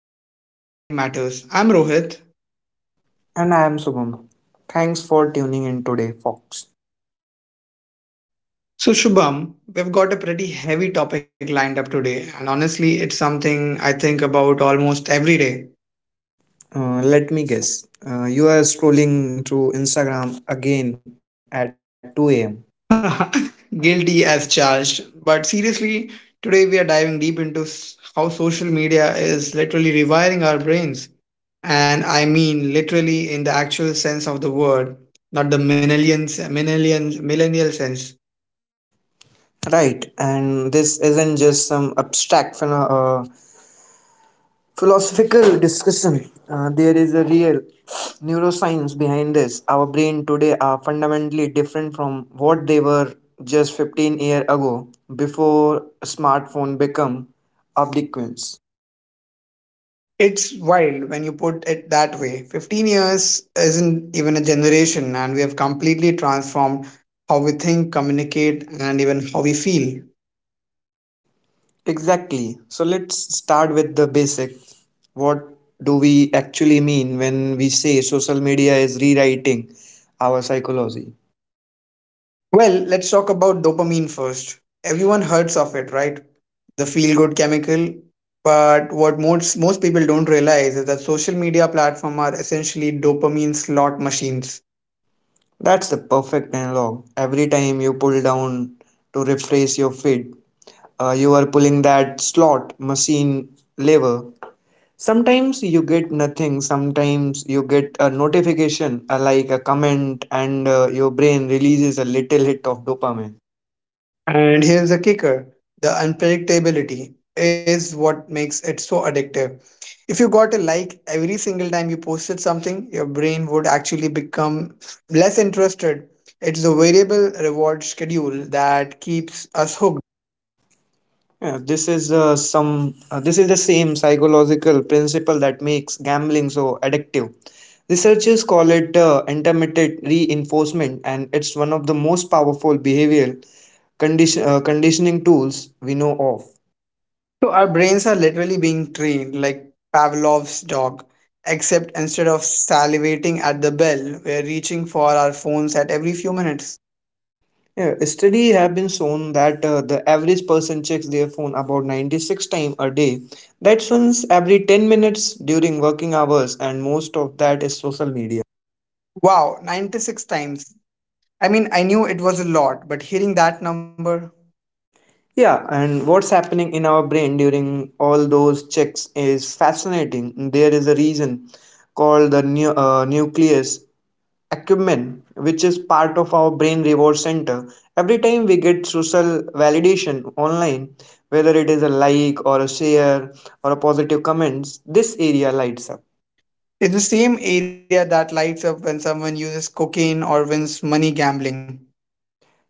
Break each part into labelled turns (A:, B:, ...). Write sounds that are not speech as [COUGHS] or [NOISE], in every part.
A: episode of Mind Matters. I'm Rohit.
B: And I am Subham. Thanks for tuning in today, folks.
A: So, Shubham, we've got a pretty heavy topic lined up today, and honestly, it's something I think about almost every day.
B: Let me guess. You are scrolling through Instagram again at 2 a.m.
A: [LAUGHS] Guilty as charged. But seriously, today we are diving deep into how social media is literally rewiring our brains. And I mean literally in the actual sense of the word, not the millennial sense.
B: Right, and this isn't just some abstract philosophical discussion. There is a real neuroscience behind this. Our brain today are fundamentally different from what they were just 15 years ago before smartphone become obsequious.
A: It's wild when you put it that way. 15 years isn't even a generation, and we have completely transformed how we think, communicate, and even how we feel.
B: Exactly. So let's start with the basics. What do we actually mean when we say social media is rewriting our psychology?
A: Well, let's talk about dopamine first. Everyone heard of it, right? The feel good chemical. But what most people don't realize is that social media platforms are essentially dopamine slot machines.
B: That's the perfect analog. Every time you pull down to refresh your feed, you are pulling that slot machine lever. Sometimes you get nothing, sometimes you get a notification, like a comment, and your brain releases a little hit of dopamine.
A: And here's the kicker, the unpredictability is what makes it so addictive. If you got a like every single time you posted something, your brain would actually become less interested. It's the variable reward schedule that keeps us hooked.
B: Yeah, this is the same psychological principle that makes gambling so addictive. Researchers call it intermittent reinforcement, and it's one of the most powerful behavioral conditioning tools we know of.
A: So our brains are literally being trained like Pavlov's dog, except instead of salivating at the bell, we're reaching for our phones at every few minutes.
B: Yeah, a study have been shown that the average person checks their phone about 96 times a day. That's once every 10 minutes during working hours, and most of that is social media.
A: Wow, 96 times. I mean, I knew it was a lot, but hearing that number,
B: Yeah, and what's happening in our brain during all those checks is fascinating. There is a reason called the nucleus acumen, which is part of our brain reward center. Every time we get social validation online, whether it is a like or a share or a positive comments, this area lights up.
A: it's the same area that lights up when someone uses cocaine or wins money gambling.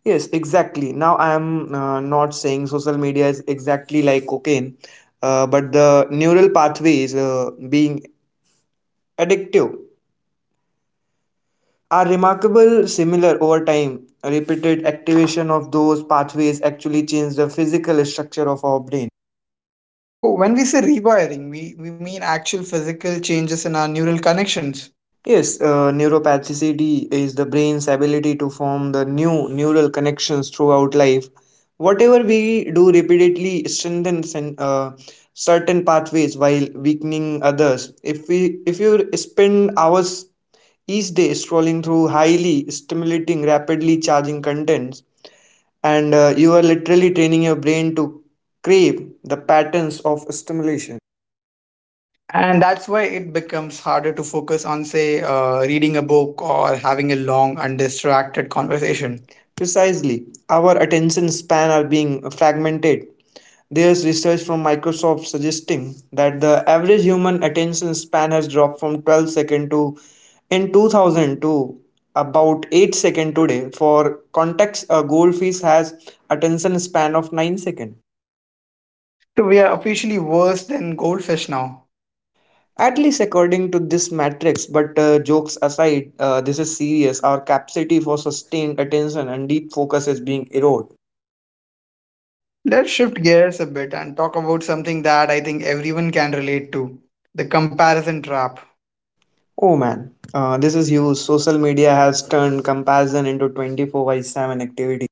B: Yes, exactly. Now I am not saying social media is exactly like cocaine, but the neural pathways being addictive Our remarkable, similar over time, repeated activation of those pathways actually change the physical structure of our brain.
A: So, when we say rewiring, we mean actual physical changes in our neural connections.
B: Yes, neuroplasticity is the brain's ability to form the new neural connections throughout life. Whatever we do repeatedly strengthens and certain pathways while weakening others. If you spend hours each day scrolling through highly stimulating, rapidly charging contents, and you are literally training your brain to crave the patterns of stimulation.
A: And that's why it becomes harder to focus on, say, reading a book or having a long, undistracted conversation.
B: Precisely, our attention span are being fragmented. There's research from Microsoft suggesting that the average human attention span has dropped from 12 second to in 2000 to about 8 second today. For context, a goldfish has attention span of 9 second.
A: So, we are officially worse than goldfish now.
B: At least according to this matrix, but jokes aside, this is serious. Our capacity for sustained attention and deep focus is being eroded.
A: Let's shift gears a bit and talk about something that I think everyone can relate to, the comparison trap.
B: Oh man, this is huge. Social media has turned comparison into 24 by 7 activity.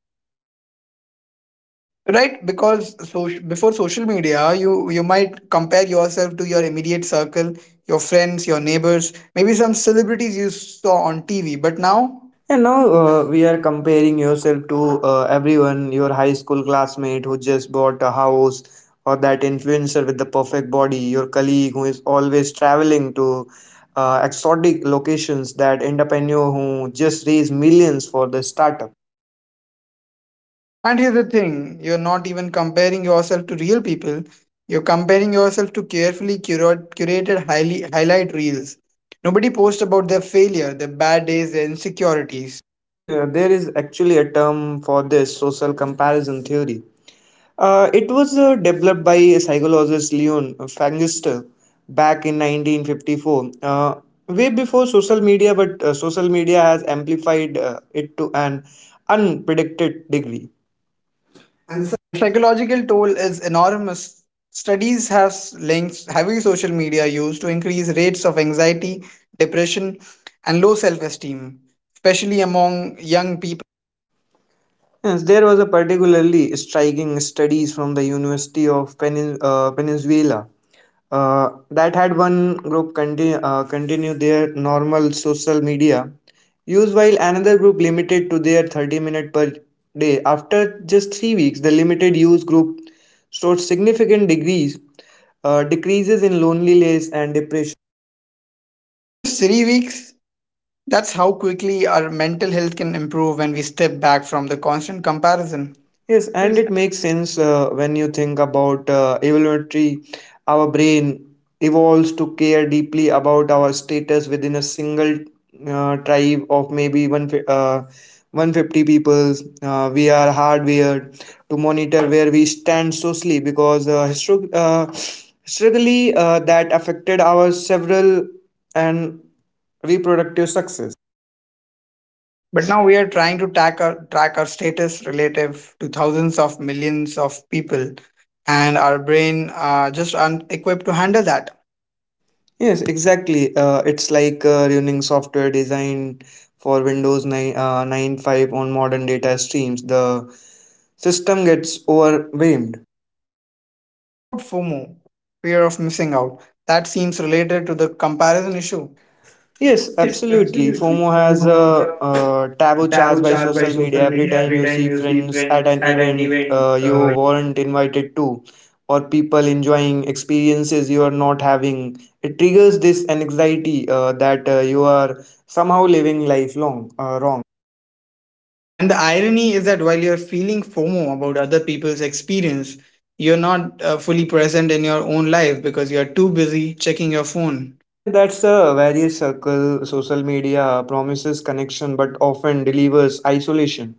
A: Right, because so before social media, you might compare yourself to your immediate circle, your friends, your neighbors, maybe some celebrities you saw on TV. But now,
B: And now we are comparing yourself to everyone, your high school classmate who just bought a house, or that influencer with the perfect body, your colleague who is always traveling to exotic locations, that entrepreneur who just raised millions for the startup.
A: and here's the thing, you're not even comparing yourself to real people. You're comparing yourself to carefully curate, curated highly highlight reels. Nobody posts about their failure, their bad days, their insecurities.
B: Yeah, there is actually a term for this social comparison theory. It was developed by psychologist Leon Fangister back in 1954, way before social media, but social media has amplified it to an unpredicted degree.
A: And the psychological toll is enormous. Studies have linked heavy social media use to increased rates of anxiety, depression, and low self esteem, especially among young people.
B: Yes, there was a particularly striking studies from the University of Peninsula that had one group continue their normal social media use while another group limited to their 30 minutes per day after just 3 weeks the limited use group showed significant degrees decreases in loneliness and depression.
A: Just 3 weeks, that's how quickly our mental health can improve when we step back from the constant comparison.
B: Yes,
A: Yes.
B: and it makes sense when you think about evolutionary. Our brain evolves to care deeply about our status within a single tribe of maybe 150 people. We are hardwired to monitor where we stand socially because historically that affected our several and reproductive success.
A: But now we are trying to track our status relative to thousands of millions of people, and our brain are just un-equipped to handle that.
B: Yes, exactly. It's like running software design for Windows 9, 95 on modern data streams. The system gets overwhelmed.
A: What about FOMO, fear of missing out? That seems related to the comparison issue.
B: Yes,
A: Yes,
B: absolutely.
A: absolutely.
B: FOMO has
A: FOMO has
B: a,
A: the
B: a taboo charged
A: taboo
B: by
A: charged by
B: social
A: social
B: media. Every
A: media.
B: time
A: Every
B: you
A: time
B: see
A: you see
B: friends at
A: friends
B: an
A: at an
B: event
A: event,
B: you weren't invited to, or people enjoying experiences you are not having, it triggers this anxiety that you are somehow living life long wrong.
A: and the irony is that while you're feeling FOMO about other people's experience, you're not fully present in your own life because you're too busy checking your phone.
B: Yeah, that's a various circle. Social media promises connection but often delivers isolation.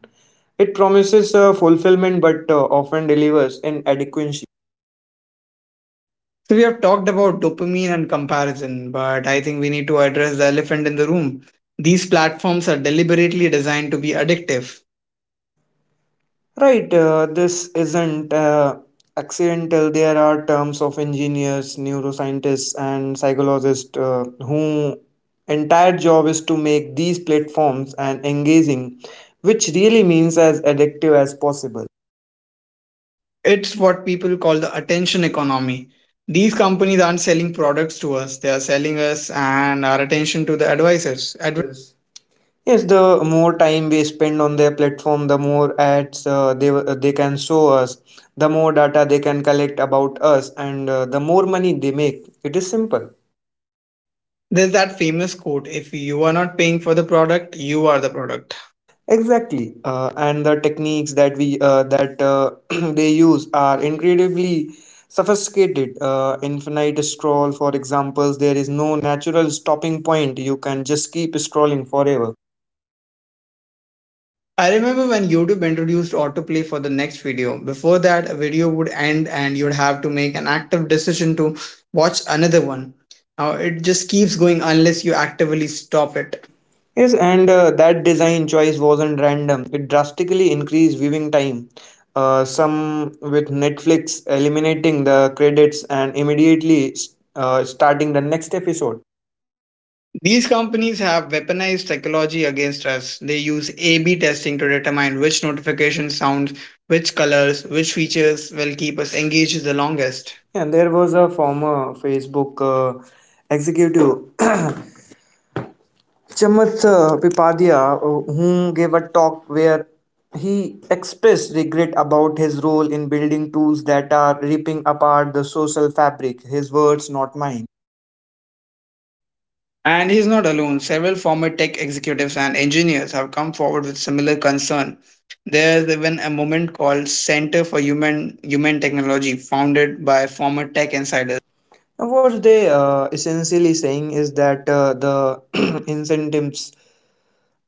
B: It promises fulfillment but often delivers inadequacy.
A: So we have talked about dopamine and comparison, but I think we need to address the elephant in the room. These platforms are deliberately designed to be addictive.
B: Right, this isn't accidental. There are terms of engineers, neuroscientists, and psychologists whose entire job is to make these platforms and engaging, which really means as addictive as possible.
A: It's what people call the attention economy. These companies aren't selling products to us, they are selling us and our attention to the advisors.
B: Advertisers. Yes, the more time we spend on their platform, the more ads they can show us, the more data they can collect about us, and the more money they make. It is simple.
A: There's that famous quote, if you are not paying for the product, you are the product.
B: Exactly, and the techniques that we that [CLEARS THROAT] they use are incredibly sophisticated. Infinite scroll, for examples, there is no natural stopping point. You can just keep scrolling forever.
A: I remember when YouTube introduced autoplay for the next video. Before that, a video would end and you'd have to make an active decision to watch another one. Now it just keeps going unless you actively stop it.
B: Yes, and that design choice wasn't random. It drastically increased viewing time. Some with Netflix eliminating the credits and immediately starting the next episode.
A: These companies have weaponized technology against us. They use A/B testing to determine which notification sounds, which colors, which features will keep us engaged the longest.
B: And there was a former Facebook executive, [COUGHS] Chamath Pipadia, who gave a talk where he expressed regret about his role in building tools that are ripping apart the social fabric. His words, not mine.
A: And he's not alone. Several former tech executives and engineers have come forward with similar concern. There's even a movement called Center for Human Technology, founded by former tech insiders.
B: Yes. And what they essentially saying is that the [CLEARS THROAT] incentives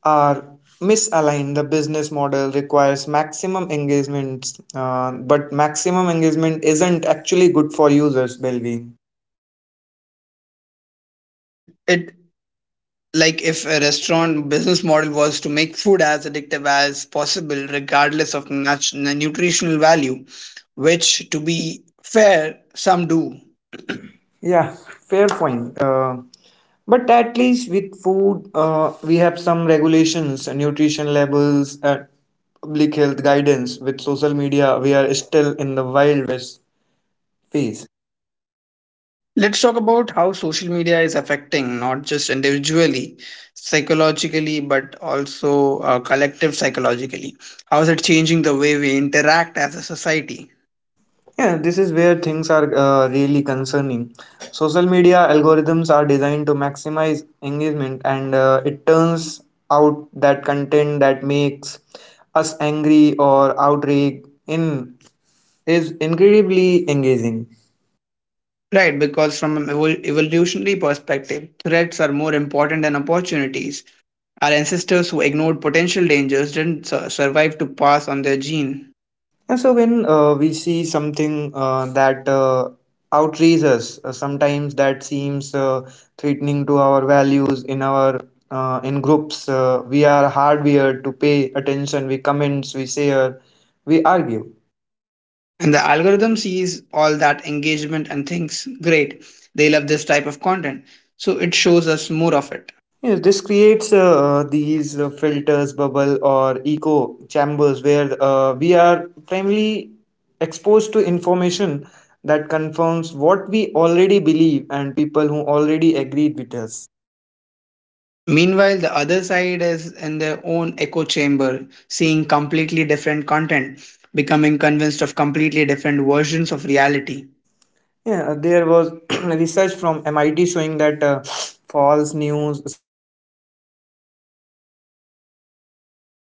B: are misaligned. The business model requires maximum engagement, but maximum engagement isn't actually good for users' well-being.
A: It like if a restaurant business model was to make food as addictive as possible, regardless of nutritional value, which to be fair, some do.
B: Yeah, fair point. But at least with food, we have some regulations, nutrition labels, public health guidance. With social media, we are still in the wild west phase.
A: Let's talk about how social media is affecting not just individually, psychologically, but also collective psychologically. How is it changing the way we interact as a society?
B: Yeah, this is where things are really concerning. Social media algorithms are designed to maximize engagement, and it turns out that content that makes us angry or outraged in is incredibly engaging.
A: Right, because from an evolutionary perspective, threats are more important than opportunities. Our ancestors who ignored potential dangers didn't survive to pass on their gene.
B: Yeah, so when we see something that outrages us, sometimes that seems threatening to our values in our in groups, we are hardwired to pay attention. We comments, we share, we argue.
A: And the algorithm sees all that engagement and thinks, great, they love this type of content. So it shows us more of it.
B: Yes, this creates these filters, bubble or echo chambers where we are primarily exposed to information that confirms what we already believe and people who already agreed with us.
A: Meanwhile, the other side is in their own echo chamber, seeing completely different content, becoming convinced of completely different versions of reality.
B: Yeah, there was [CLEARS THROAT] research from MIT showing that false news spreads 6 times faster than Twitter than true news is.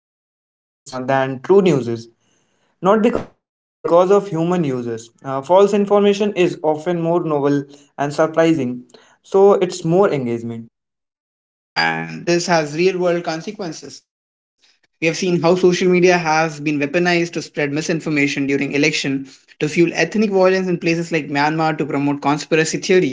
B: Not because of bots, but because of human users. False information is often more novel and surprising, so it's more engagement.
A: And this has real world consequences. We have seen how social media has been weaponized to spread misinformation during election, to fuel ethnic violence in places like Myanmar, to promote conspiracy theories.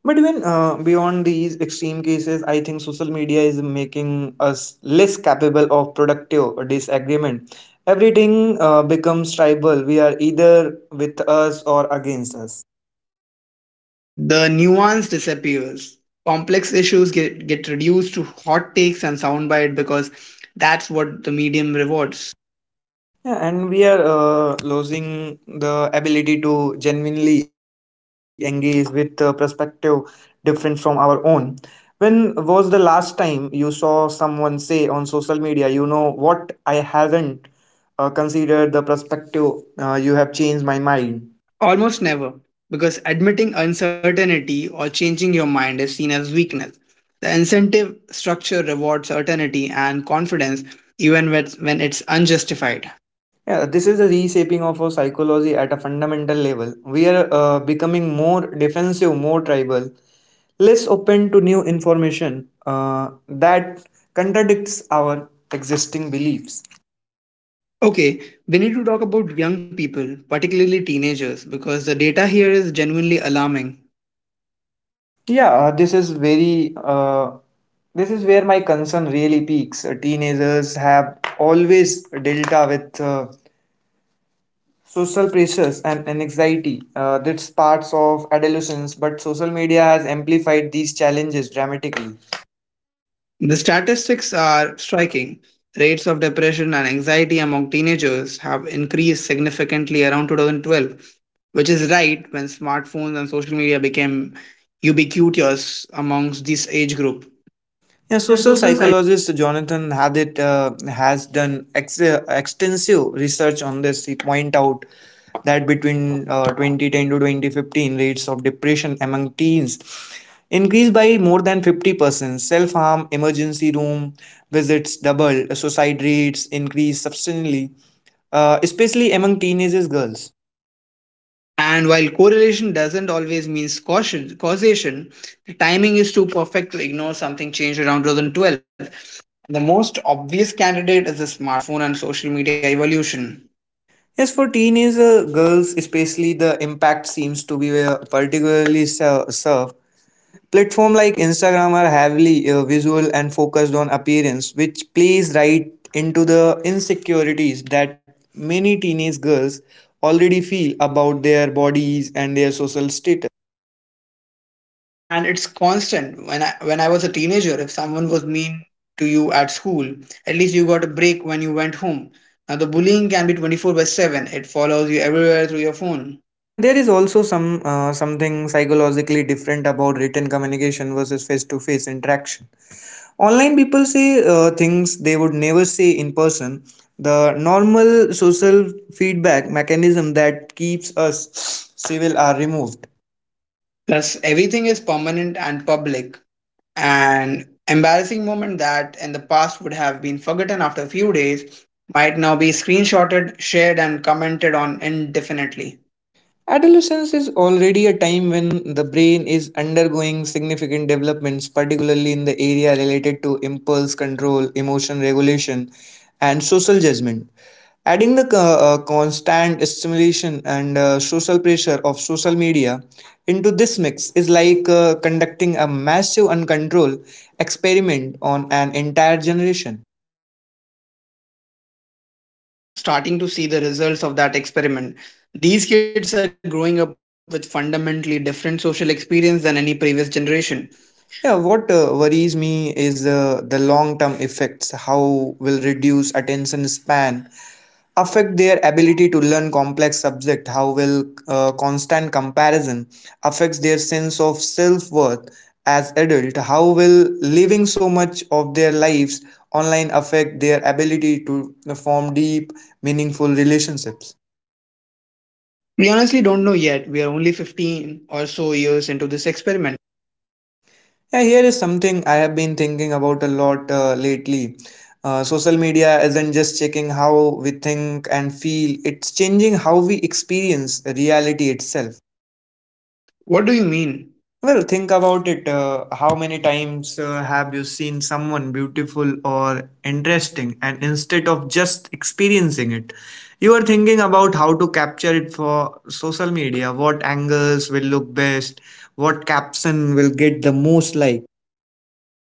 B: But even beyond these extreme cases, I think social media is making us less capable of productive disagreement. Everything becomes tribal. We are either with us or against us.
A: The nuance disappears. Complex issues get reduced to hot takes and soundbite because that's what the medium rewards.
B: Yeah, and we are losing the ability to genuinely engage with a perspective different from our own. When was the last time you saw someone say on social media, you know what, I haven't considered the perspective you have changed my mind?
A: Almost never, because admitting uncertainty or changing your mind is seen as weakness. The incentive structure rewards certainty and confidence when it's unjustified.
B: Yeah, this is the reshaping of our psychology at a fundamental level. We are becoming more defensive, more tribal, less open to new information that contradicts our existing beliefs.
A: Okay, we need to talk about young people, particularly teenagers, because the data here is genuinely alarming.
B: Yeah, this is where my concern really peaks. Teenagers have always dealt with social pressures and anxiety that's parts of adolescence but social media has amplified these challenges dramatically.
A: The statistics are striking. Rates of depression and anxiety among teenagers have increased significantly around 2012, which is right when smartphones and social media became ubiquitous amongst this age group.
B: Yeah,
A: Yeah,
B: social
A: social psych.
B: psychologist Jonathan Hadit has done extensive research on this. He point out that between 2010 to 2015 rates of depression among teens increased by more than 50% self-harm emergency room visits double suicide rates increased substantially especially among teenagers girls.
A: And while correlation doesn't always mean causation, the timing is too perfect to ignore something changed around 2012. The most obvious candidate is the smartphone and social media evolution.
B: Yes, for teenage girls, especially the impact seems to be particularly served. Platform like Instagram are heavily visual and focused on appearance, which plays right into the insecurities that many teenage girls already feel about their bodies and their social status.
A: And it's constant. When I was a teenager, if someone was mean to you at school, at least you got a break when you went home. Now the bullying can be 24/7. It follows you everywhere through your phone.
B: And there is also some something psychologically different about written communication versus face-to-face interaction. Online people say things they would never say in person. The normal social feedback mechanism that keeps us civil are removed.
A: Plus everything is permanent and public. An embarrassing moment that in the past would have been forgotten after a few days might now be screenshotted, shared and commented on indefinitely.
B: Adolescence is already a time when the brain is undergoing significant developments, particularly in the area related to impulse control, emotion regulation, and social judgment. Adding the constant stimulation and social pressure of social media into this mix is like conducting a massive uncontrolled experiment on an entire generation.
A: And we're only now starting to see the results of that experiment. These kids are growing up with fundamentally different social experience than any previous generation.
B: Yeah, what worries me is the long term effects. How will reduce attention span affect their ability to learn complex subject? How will constant comparison affects their sense of self-worth as adult? How will living so much of their lives online affect their ability to form deep meaningful relationships?
A: We honestly don't know yet. We are only 15 or so years into this experiment.
B: Yeah, here is something I have been thinking about a lot lately. Social media isn't just checking how we think and feel, it's changing how we experience reality itself.
A: What do you mean?
B: Well, think about it. How many times have you seen someone beautiful or interesting, and instead of just experiencing it, you are thinking about how to capture it for social media? What angles will look best? What caption will get the most like?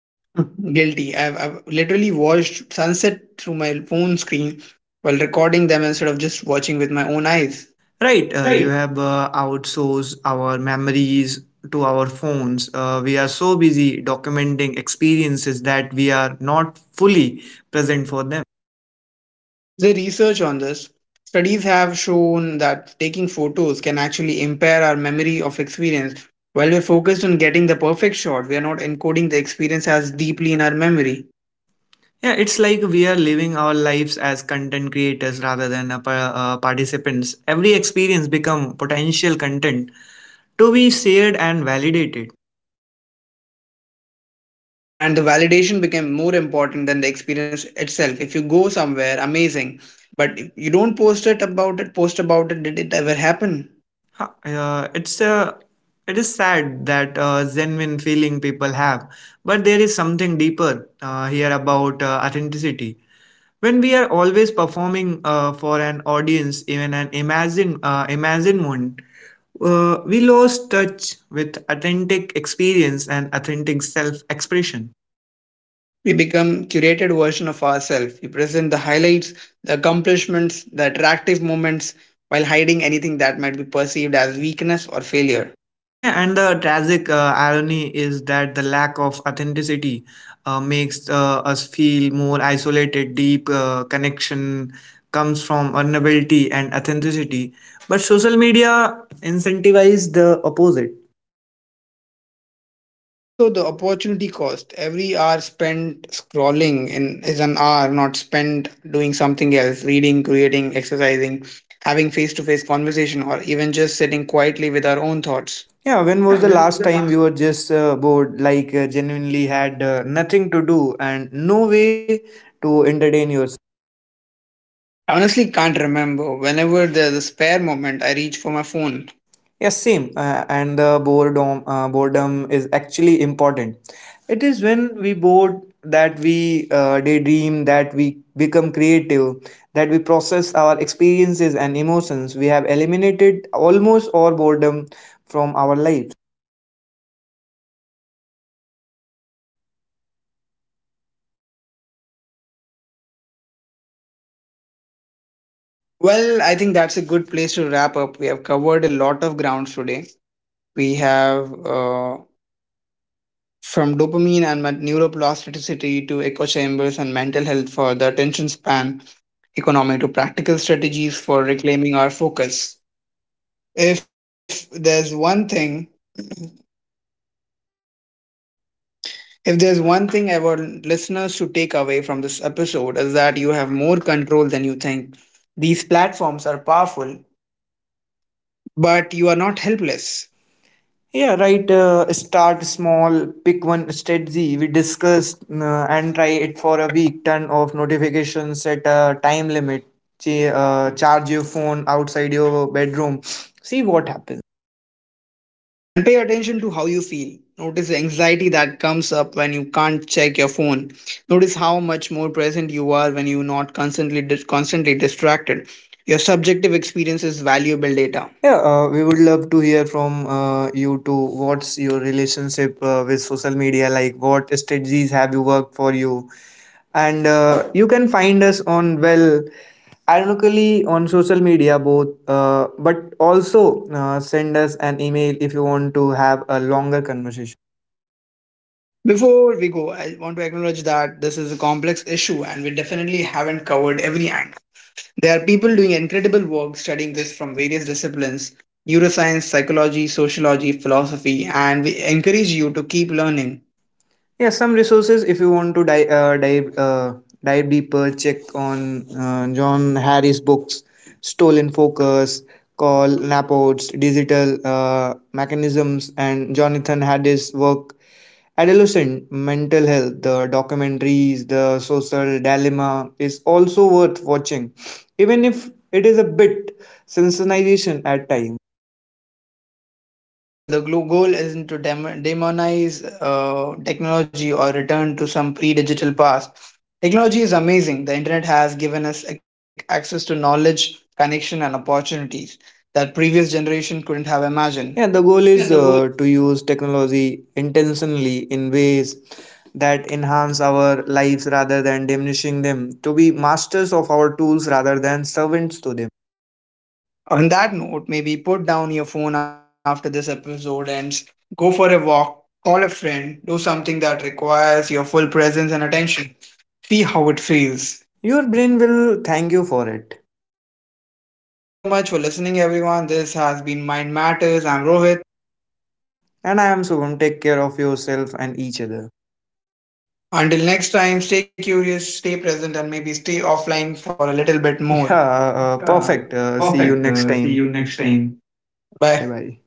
A: [LAUGHS] Guilty. I've literally watched sunset through my phone screen while recording them instead of just watching with my own eyes.
B: Right, you
A: Right.
B: have outsourced our memories to our phones. We are so busy documenting experiences that we are not fully present for them.
A: The research on this studies have shown that taking photos can actually impair our memory of experience. While we're focused on getting the perfect shot, we are not encoding the experience as deeply in our memory.
B: Yeah, it's like we are living our lives as content creators rather than participants. Every experience become potential content to be shared and validated.
A: And the validation became more important than the experience itself. If you go somewhere, amazing, but if you don't post about it, did it ever happen?
B: It's a it is sad that genuine feeling people have, but there is something deeper here about authenticity. When we are always performing for an audience, even an imagine one, we lost touch with authentic experience and authentic self expression.
A: We become curated version of ourselves. We present the highlights, the accomplishments, the attractive moments while hiding anything that might be perceived as weakness or failure.
B: Yeah, and the tragic irony is that the lack of authenticity makes us feel more isolated. Deep connection comes from vulnerability and authenticity, but social media incentivizes the opposite.
A: There's also the opportunity cost. Every hour spent scrolling in is an hour not spent doing something else, reading, creating, exercising, having face-to-face conversation or even just sitting quietly with our own thoughts.
B: Yeah, when was
A: Yeah,
B: the
A: when
B: last
A: the
B: time
A: last
B: you were just bored, like genuinely had nothing to do and no way to entertain yourself?
A: I honestly can't remember. Whenever there's a spare moment, I reach for my phone.
B: Yes, same. And the boredom is actually important. It is when we bored that we daydream, that we become creative, that we process our experiences and emotions. We have eliminated almost all boredom from our life.
A: Well, I think that's a good place to wrap up. We have covered a lot of grounds today. We have from dopamine and neuroplasticity to echo chambers and mental health for the attention span economy to practical strategies for reclaiming our focus. If there's one thing, [CLEARS THROAT] if there's one thing I want listeners to take away from this episode is that you have more control than you think. These platforms are powerful, but you are not helpless.
B: Yeah, right. Start small, pick one strategy. We discussed and try it for a week. Turn off notifications, set a time limit. Charge your phone outside your bedroom. See what happens.
A: And pay attention to how you feel. Notice the anxiety that comes up when you can't check your phone. Notice how much more present you are when you're not constantly distracted. Your subjective experience is valuable data.
B: Yeah, we would love to hear from you too. What's your relationship with social media like? What strategies have you worked for you? And you can find us on, well, ironically on social media both but also send us an email if you want to have a longer conversation.
A: Before we go, I want to acknowledge that this is a complex issue and we definitely haven't covered every angle. There are people doing incredible work studying this from various disciplines, neuroscience, psychology, sociology, philosophy, and we encourage you to keep learning.
B: Yeah, some resources if you want to dive deeper, check on John Harris books Stolen Focus, Call Napods Digital Mechanisms and Jonathan Harris work Adolescent Mental Health, the documentaries, The Social Dilemma is also worth watching, even if it is a bit sensitization at times.
A: And remember, the goal isn't to demonize technology or return to some pre digital past. Technology is amazing. The internet has given us access to knowledge, connection, and opportunities that previous generation couldn't have imagined.
B: Yeah, the goal
A: Yeah, the
B: is
A: goal.
B: to use technology intentionally in ways that enhance our lives rather than diminishing them, to be masters of our tools rather than servants to them.
A: On that note, maybe put down your phone after this episode and go for a walk, call a friend, do something that requires your full presence and attention. See how it feels.
B: Your brain will thank you for it.
A: Thank you so much for listening, everyone. This has been Mind Matters. I'm Rohit.
B: And I am Subham. Take care of yourself and each other. [LAUGHS]
A: Until next time, stay curious, stay present, and maybe stay offline for a little bit
B: Yeah,
A: more. Uh,
B: perfect. See you
A: perfect.
B: next
A: See you
B: time.
A: next time.
B: Bye,
A: Bye.
B: bye.